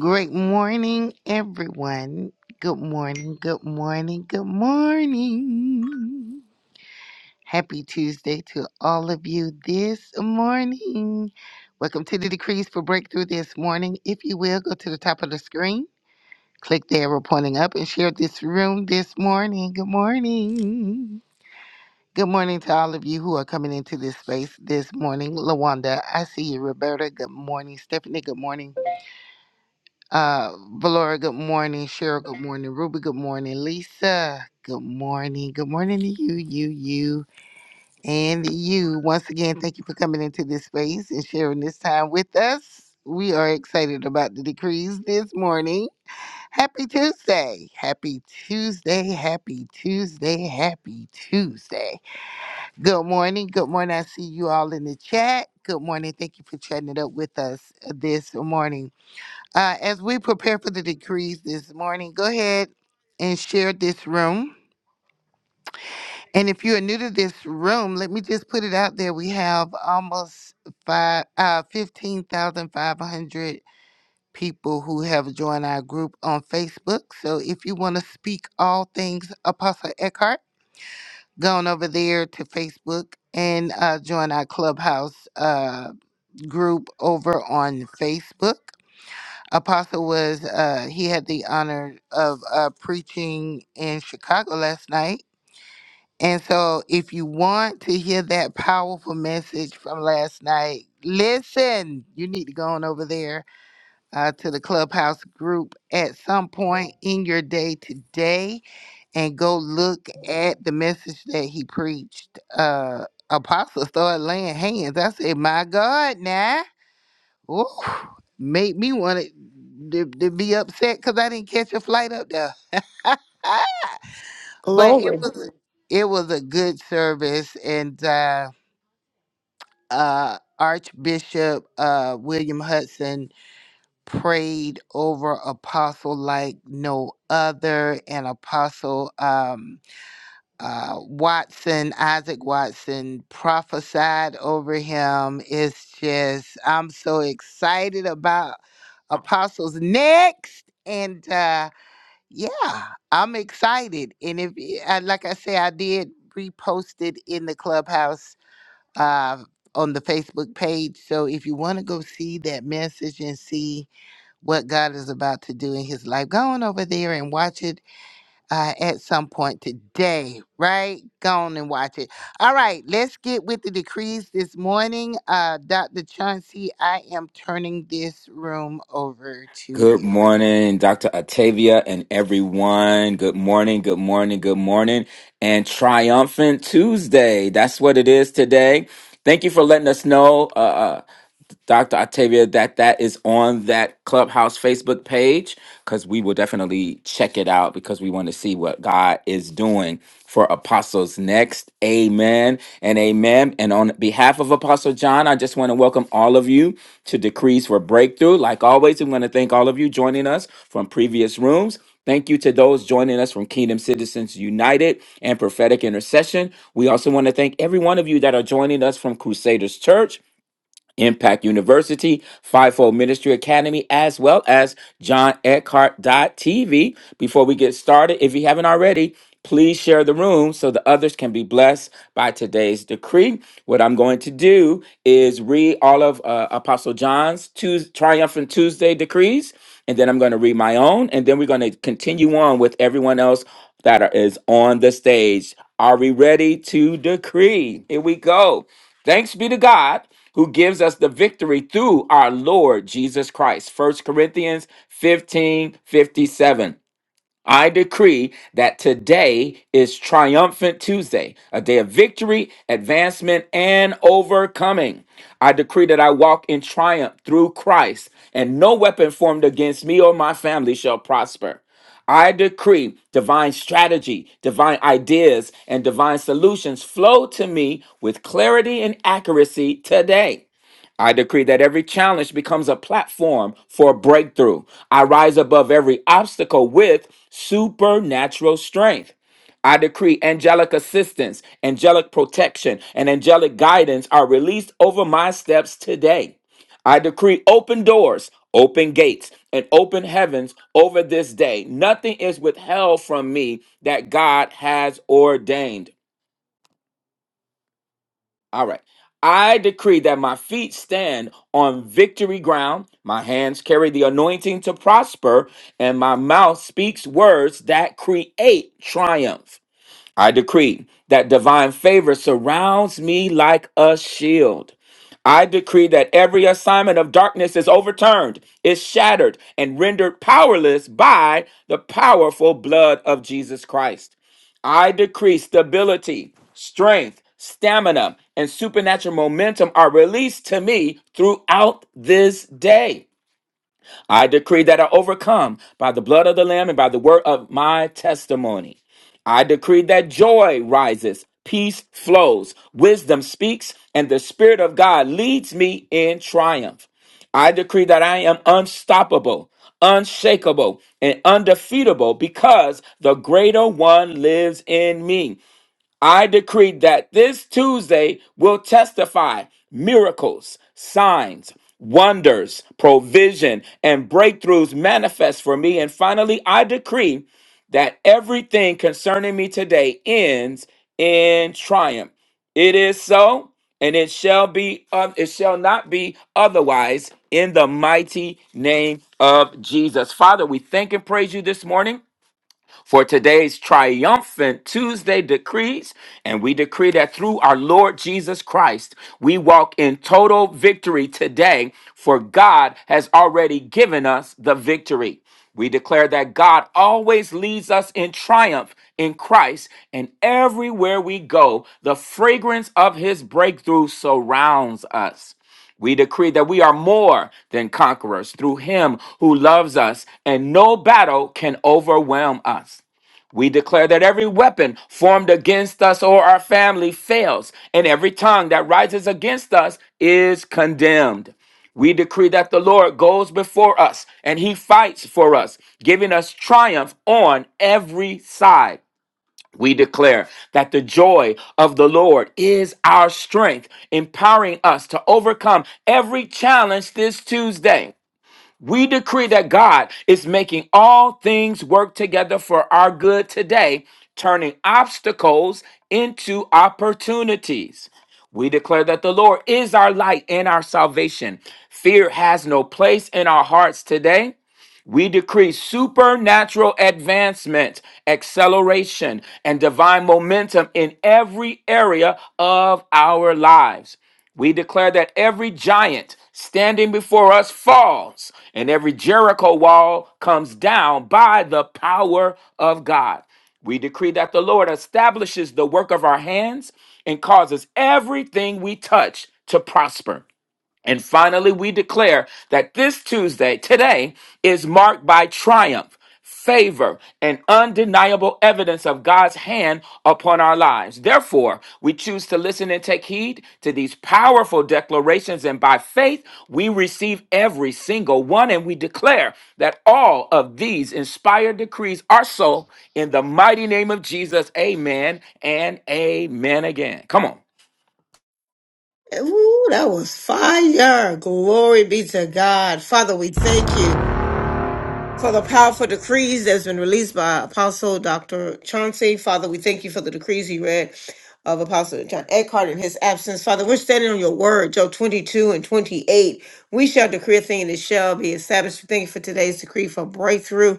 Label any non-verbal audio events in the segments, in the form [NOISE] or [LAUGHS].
Great morning, everyone. Good morning, good morning, good morning. Happy Tuesday to all of you this morning. Welcome to the Decrees for Breakthrough this morning. If you will, go to the top of the screen, click the arrow pointing up, and share this room this morning. Good morning. Good morning to all of you who are coming into this space this morning. Lawanda, I see you. Roberta, good morning. Stephanie, good morning. Uh, Valora, good morning. Cheryl, good morning. Ruby, good morning. Lisa, good morning. Good morning to you, you, you, and you. Once again, thank you for coming into this space and sharing this time with us. We are excited about the decrees this morning. Happy Tuesday. Happy Tuesday. Happy Tuesday. Happy Tuesday. Good morning. Good morning. I see you all in the chat. Good morning. Thank you for chatting it up with us this morning. Uh, as we prepare for the decrees this morning, go ahead and share this room. And if you are new to this room, let me just put it out there. We have almost five, uh, 15,500 people who have joined our group on Facebook. So if you want to speak all things Apostle Eckhart, go on over there to Facebook and uh, join our clubhouse uh, group over on Facebook. Apostle was uh he had the honor of uh preaching in Chicago last night. And so if you want to hear that powerful message from last night, listen, you need to go on over there uh, to the clubhouse group at some point in your day today and go look at the message that he preached. Uh Apostle started laying hands. I said, My God, now. Ooh, made me want to, to be upset because I didn't catch a flight up there. [LAUGHS] but it Glory. was it was a good service, and uh, uh, Archbishop uh, William Hudson prayed over Apostle like no other, and Apostle. Um, uh, Watson, Isaac Watson, prophesied over him. It's just, I'm so excited about Apostles next. And uh, yeah, I'm excited. And if, y- I, like I say, I did repost it in the clubhouse uh, on the Facebook page. So if you want to go see that message and see what God is about to do in his life, go on over there and watch it uh, at some point today, right? Go on and watch it. All right, let's get with the decrees this morning. Uh, Dr. Chauncey, I am turning this room over to Good you. morning, Dr. Octavia and everyone. Good morning, good morning, good morning. And triumphant Tuesday. That's what it is today. Thank you for letting us know. Uh, uh, Dr. Octavia, that that is on that Clubhouse Facebook page because we will definitely check it out because we want to see what God is doing for apostles next. Amen and amen. And on behalf of Apostle John, I just want to welcome all of you to Decrees for Breakthrough. Like always, we want to thank all of you joining us from previous rooms. Thank you to those joining us from Kingdom Citizens United and Prophetic Intercession. We also want to thank every one of you that are joining us from Crusaders Church. Impact University, Fivefold Ministry Academy, as well as John Eckhart TV. Before we get started, if you haven't already, please share the room so the others can be blessed by today's decree. What I'm going to do is read all of uh, Apostle John's Tues Triumphant Tuesday decrees, and then I'm going to read my own, and then we're going to continue on with everyone else that are, is on the stage. Are we ready to decree? Here we go. Thanks be to God who gives us the victory through our Lord Jesus Christ. First Corinthians 15 57. I decree that today is Triumphant Tuesday, a day of victory, advancement, and overcoming. I decree that I walk in triumph through Christ, and no weapon formed against me or my family shall prosper. I decree divine strategy, divine ideas, and divine solutions flow to me with clarity and accuracy today. I decree that every challenge becomes a platform for breakthrough. I rise above every obstacle with supernatural strength. I decree angelic assistance, angelic protection, and angelic guidance are released over my steps today. I decree open doors, open gates, and open heavens over this day. Nothing is withheld from me that God has ordained. All right. I decree that my feet stand on victory ground, my hands carry the anointing to prosper, and my mouth speaks words that create triumph. I decree that divine favor surrounds me like a shield. I decree that every assignment of darkness is overturned, is shattered, and rendered powerless by the powerful blood of Jesus Christ. I decree stability, strength, stamina, and supernatural momentum are released to me throughout this day. I decree that I overcome by the blood of the Lamb and by the word of my testimony. I decree that joy rises, peace flows, wisdom speaks, and the Spirit of God leads me in triumph. I decree that I am unstoppable, unshakable, and undefeatable because the greater one lives in me. I decree that this Tuesday will testify miracles, signs, wonders, provision, and breakthroughs manifest for me. And finally, I decree that everything concerning me today ends in triumph. It is so, and it shall be oth- it shall not be otherwise in the mighty name of Jesus. Father, we thank and praise you this morning for today's triumphant Tuesday decrees. And we decree that through our Lord Jesus Christ, we walk in total victory today, for God has already given us the victory. We declare that God always leads us in triumph in Christ, and everywhere we go, the fragrance of his breakthrough surrounds us. We decree that we are more than conquerors through him who loves us, and no battle can overwhelm us. We declare that every weapon formed against us or our family fails, and every tongue that rises against us is condemned. We decree that the Lord goes before us and he fights for us, giving us triumph on every side. We declare that the joy of the Lord is our strength, empowering us to overcome every challenge this Tuesday. We decree that God is making all things work together for our good today, turning obstacles into opportunities. We declare that the Lord is our light and our salvation. Fear has no place in our hearts today we decree supernatural advancement, acceleration, and divine momentum in every area of our lives. We declare that every giant standing before us falls and every Jericho wall comes down by the power of God. We decree that the Lord establishes the work of our hands and causes everything we touch to prosper. And finally, we declare that this Tuesday, today, is marked by triumph, favor, and undeniable evidence of God's hand upon our lives. Therefore, we choose to listen and take heed to these powerful declarations, and by faith, we receive every single one, and we declare that all of these inspired decrees are so in the mighty name of Jesus. Amen and amen again. Come on. Ooh, that was fire. Glory be to God. Father, we thank you for the powerful decrees that's been released by Apostle Dr. Chauncey. Father, we thank you for the decrees he read of Apostle John Eckhart in his absence. Father, we're standing on your word, Joe 22 and 28. We shall decree a thing and it shall be established. We thank you for today's decree for breakthrough.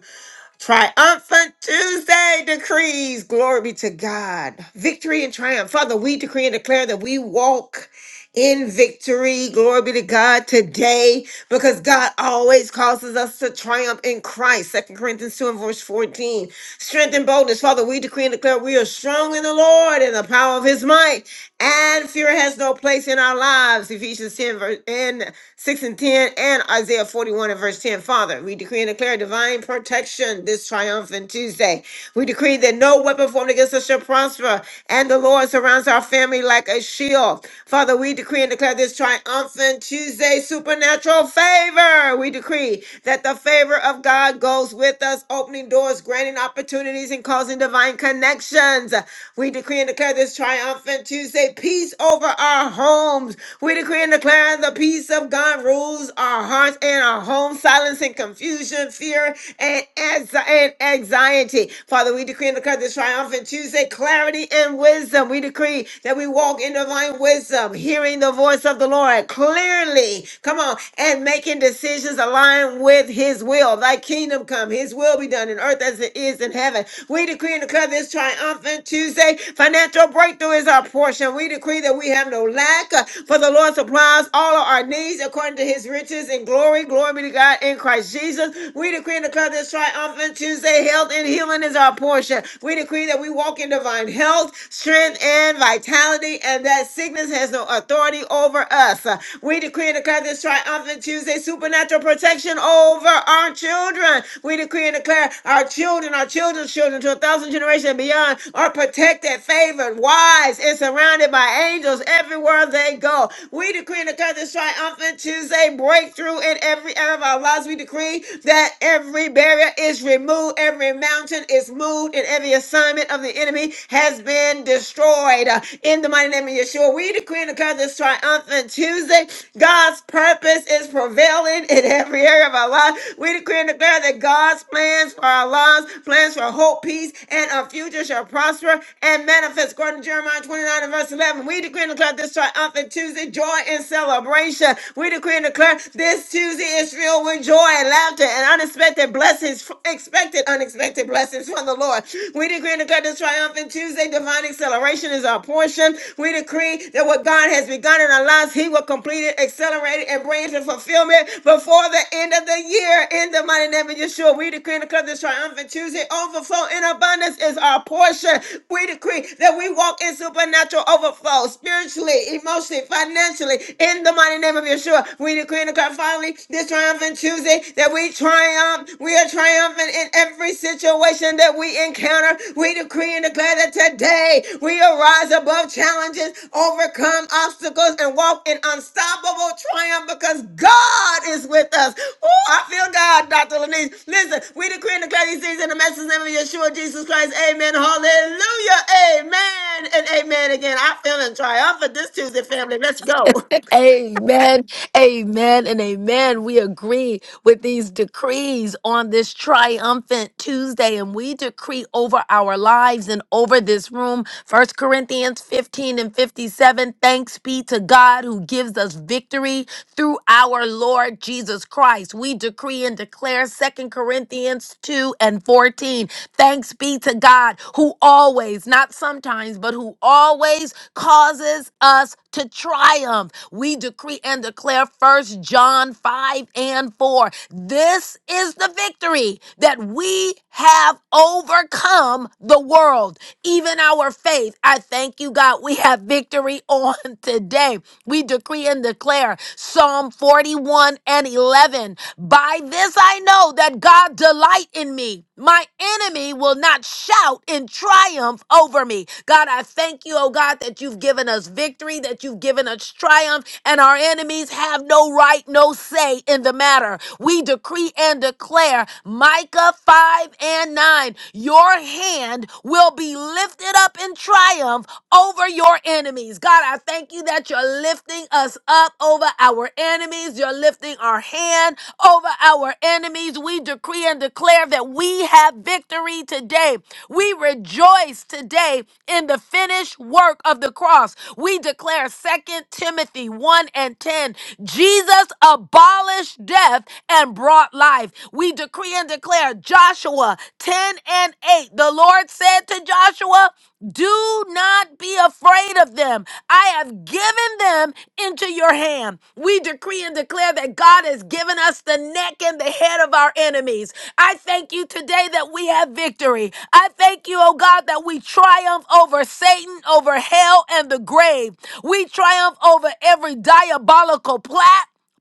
Triumphant Tuesday decrees. Glory be to God. Victory and triumph. Father, we decree and declare that we walk in victory. Glory be to God today because God always causes us to triumph in Christ. Second Corinthians 2 and verse 14. Strength and boldness. Father, we decree and declare we are strong in the Lord and the power of his might. And fear has no place in our lives. Ephesians 10 verse, and 6 and 10 and Isaiah 41 and verse 10. Father, we decree and declare divine protection this triumphant Tuesday. We decree that no weapon formed against us shall prosper. And the Lord surrounds our family like a shield. Father, we decree and declare this triumphant Tuesday supernatural favor. We decree that the favor of God goes with us, opening doors, granting opportunities, and causing thousand divine connections. We decree and declare this triumphant Tuesday peace over our homes. We decree and declare the peace of God rules our hearts and our homes, silencing confusion, fear, and, anxi- and anxiety. Father, we decree and declare this triumphant Tuesday clarity and wisdom. We decree that we walk in divine wisdom, hearing the voice of the Lord clearly. Come on, and making decisions aligned with His will will, thy kingdom come, his will be done in earth as it is in heaven. We decree and declare this triumphant Tuesday. Financial breakthrough is our portion. We decree that we have no lack, uh, for the Lord supplies all of our needs according to his riches and glory. Glory be to God in Christ Jesus. We decree and declare this triumphant Tuesday. Health and healing is our portion. We decree that we walk in divine health, strength, and vitality, and that sickness has no authority over us. Uh, we decree and declare this triumphant Tuesday supernatural protection over our children. We decree and declare our children, our children's children to a thousand generations and beyond are protected, favored, wise, and surrounded by angels everywhere they go. We decree and declare this triumphant Tuesday breakthrough in every area of our lives. We decree that every barrier is removed, every mountain is moved, and every assignment of the enemy has been destroyed tonight uh, in the mighty name of Yeshua. We decree and declare this triumphant Tuesday. God's purpose is prevailing in every area of our life. We decree and declare that God's plans for our lives, plans for hope, peace, and our future shall prosper and manifest. According to Jeremiah 29 and verse 11, we decree and declare this triumphant Tuesday, joy and celebration. We decree and declare this Tuesday is filled with joy and laughter and unexpected blessings, expected unexpected blessings blessings from the Lord. We decree and declare this triumphant Tuesday. Divine acceleration is our portion. We decree that what God has begun in our lives, He will complete it, accelerate it, and bring it to fulfillment before the end of the year. In the mighty name of Yeshua, we decree and declare this triumphant Tuesday. Overflow in abundance is our portion. We decree that we walk in supernatural overflow spiritually, emotionally, financially. In the mighty name of Yeshua, we decree and declare finally this triumphant Tuesday that we triumph. We are triumphant in every situation that we encounter. We decree and declare that today we arise above challenges, overcome obstacles, and walk in unstoppable triumph because God is with us. Oh, I feel God, Dr. Lenise. Listen, we decree and declare these things in the message name of Yeshua Jesus Christ. Amen. Hallelujah. Amen. And amen again. I feel in triumph for this Tuesday, family. Let's go. Amen. Amen. And amen. We agree with these decrees on this triumphant Tuesday. And we decree over our lives and over this room. First Corinthians 15 and 57. Thanks be to God who gives us victory through our Lord Jesus Christ. We decree and declare 2 Corinthians 2 and 14. Thanks be to God who always, not sometimes, but who always causes us to triumph. We decree and declare 1 John 5 and 4. This is the victory that we have overcome the world, even our faith. I thank you, God. We have victory on on today. We decree and declare Psalm 41 and 11. By this I know that God delight in me. My enemy will not shout in triumph over me. God, I thank you, oh God, that you've given us victory, that you've given us triumph, and our enemies have no right, no say in the matter. We decree and declare Micah 5 and 9, your hand will be lifted up in triumph over your enemies. God, I thank you that you're lifting us up over our enemies. You're lifting our hand over our enemies. We decree and declare that we have victory today. We rejoice today in the finished work of the cross. We declare Second Timothy 1 and 10. Jesus abolished death and brought life. We decree and declare Joshua 10 and 8. The Lord said to Joshua, do not be afraid of them. I have given them into your hand. We decree and declare that God has given us the neck and the head of our enemies. I thank you today that we have victory. I thank you, oh God, that we triumph over Satan, over hell, and the grave. We triumph over every diabolical plot.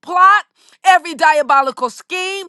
Plot every diabolical scheme,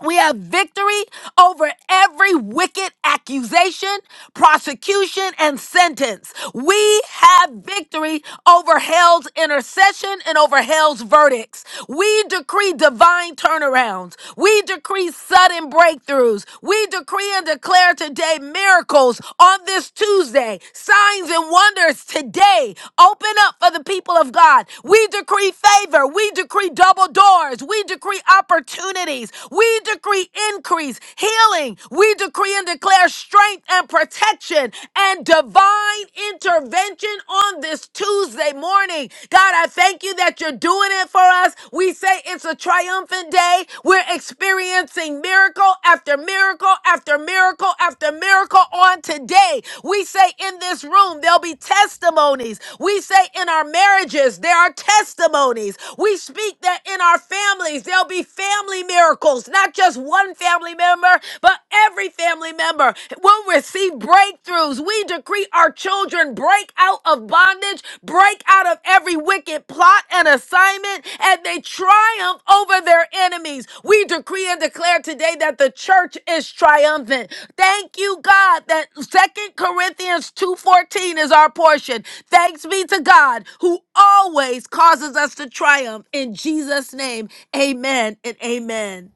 we have victory over every wicked accusation, prosecution, and sentence. We have victory over hell's intercession and over hell's verdicts. We decree divine turnarounds. We decree sudden breakthroughs. We decree and declare today miracles on this Tuesday, signs and wonders today. Open up for the people of God. We decree favor. We decree double doors. We decree opportunity cities. We decree increase, healing. We decree and declare strength and protection and divine intervention on this Tuesday morning. God, I thank you that you're doing it for us. We say it's a triumphant day. We're experiencing miracle after miracle after miracle after miracle on today. We say in this room, there'll be testimonies. We say in our marriages, there are testimonies. We speak that in our families, there'll be be family miracles, not just one family member, but every family member will receive breakthroughs. We decree our children break out of bondage, break out of every wicked plot and assignment, and they triumph over their enemies. We decree and declare today that the church is triumphant. Thank you, God, that Second Corinthians 2:14 is our portion. Thanks be to God who always causes us to triumph in Jesus' name. Amen and amen.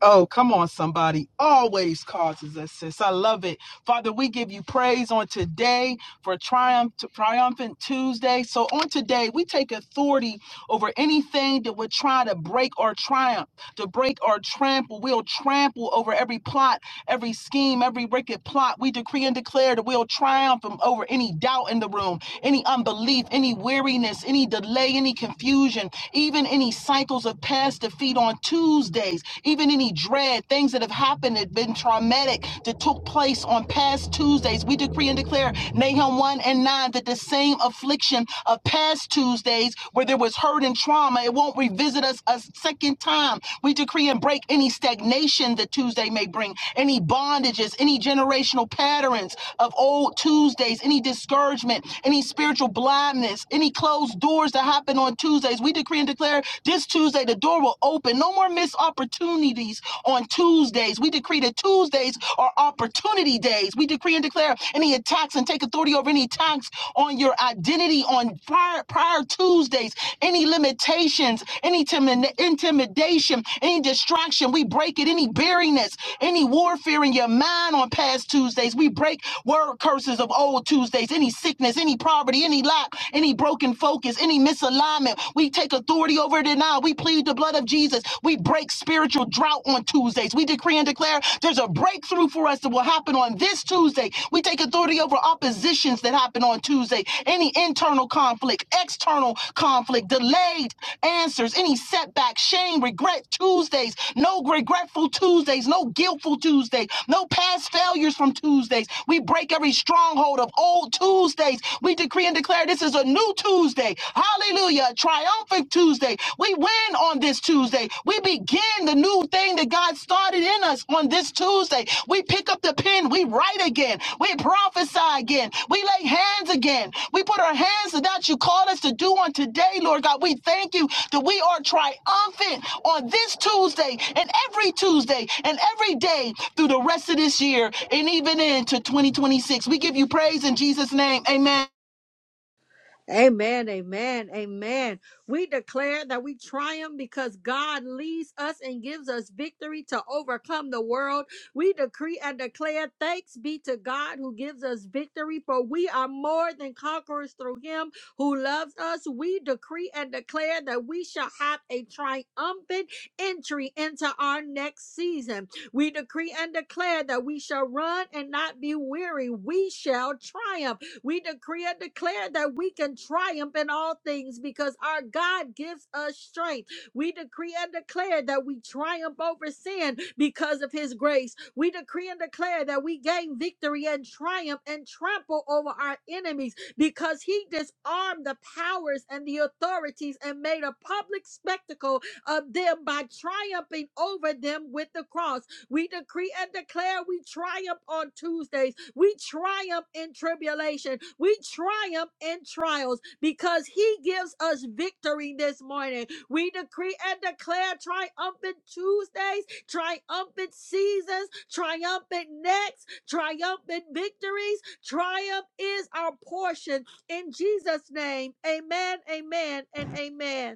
Oh, come on, somebody. Always causes us, sis. I love it. Father, we give you praise on today for triumph to triumphant Tuesday. So on today, we take authority over anything that would try to break or triumph to break or trample. We'll trample over every plot, every scheme, every wicked plot. We decree and declare that we'll triumph um, over any doubt in the room, any unbelief, any weariness, any delay, any confusion, even any cycles of past defeat on Tuesdays, even any dread, things that have happened that have been traumatic that took place on past Tuesdays. We decree and declare Nahum 1 and 9 that the same affliction of past Tuesdays where there was hurt and trauma, it won't revisit us a second time we decree and break any stagnation that Tuesday may bring, any bondages, any generational patterns of old Tuesdays, any discouragement, any spiritual blindness, any closed doors that happen on Tuesdays. We decree and declare this Tuesday the door will open. No more missed opportunities on Tuesdays. We decree that Tuesdays are opportunity days. We decree and declare any attacks and take authority over any attacks on your identity on prior, prior Tuesdays, any limitations, any intimi- intimidation temptation, any distraction, we break it, any barrenness, any warfare in your mind on past Tuesdays, we break word curses of old Tuesdays, any sickness, any poverty, any lack, any broken focus, any misalignment. We take authority over it now. We plead the blood of Jesus. We break spiritual drought on Tuesdays. We decree and declare there's a breakthrough for us that will happen on this Tuesday. We take authority over oppositions that happen on Tuesday, any internal conflict, external conflict, delayed answers, any setback, shame, do regret Tuesdays, no regretful Tuesdays, no guiltful Tuesdays, no past failures from Tuesdays. We break every stronghold of old Tuesdays. We decree and declare this is a new Tuesday. Hallelujah. A triumphant Tuesday. We win on this Tuesday. We begin the new thing that God started in us on this Tuesday. We pick up the pen. We write again. We prophesy again. We lay hands again. We put our hands to that you called us to do on today, Lord God. We thank you that we are triumphant on this Tuesday and every Tuesday and every day through the rest of this year and even into 2026. We give you praise in Jesus' name. Amen. Amen, amen, amen. We declare that we triumph because God leads us and gives us victory to overcome the world. We decree and declare thanks be to God who gives us victory, for we are more than conquerors through him who loves us. We decree and declare that we shall have a triumphant entry into our next season. We decree and declare that we shall run and not be weary. We shall triumph we decree and declare that we can triumph in all things because our God gives us strength. We decree and declare that we triumph over sin because of his grace. We decree and declare that we gain victory and triumph and trample over our enemies because he disarmed the powers and the authorities and made a public spectacle of them by triumphing over them with the cross. We decree and declare we triumph on Tuesdays. We triumph in tribulation. We triumph in trials because He gives us victory this morning. We decree and declare triumphant Tuesdays, triumphant seasons, triumphant next, triumphant victories. Triumph is our portion in Jesus' name. Amen, amen, and amen.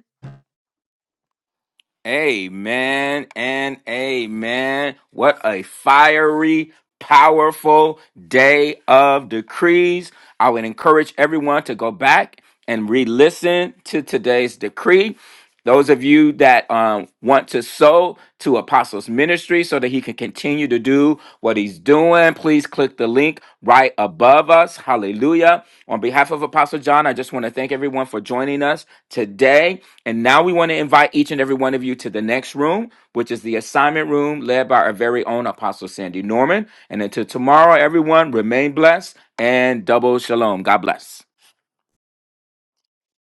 Amen and amen. What a fiery, powerful day of decrees. I would encourage everyone to go back and re listen to today's decree. Those of you that um, want to sow to Apostles Ministry so that he can continue to do what he's doing, please click the link right above us. Hallelujah. On behalf of Apostle John, I just want to thank everyone for joining us today. And now we want to invite each and every one of you to the next room, which is the assignment room led by our very own Apostle Sandy Norman. And until tomorrow, everyone, remain blessed and double shalom. God bless.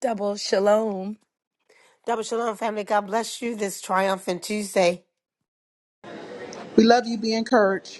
Double shalom. Double Shalom, family. God bless you this triumphant Tuesday. We love you. Be encouraged.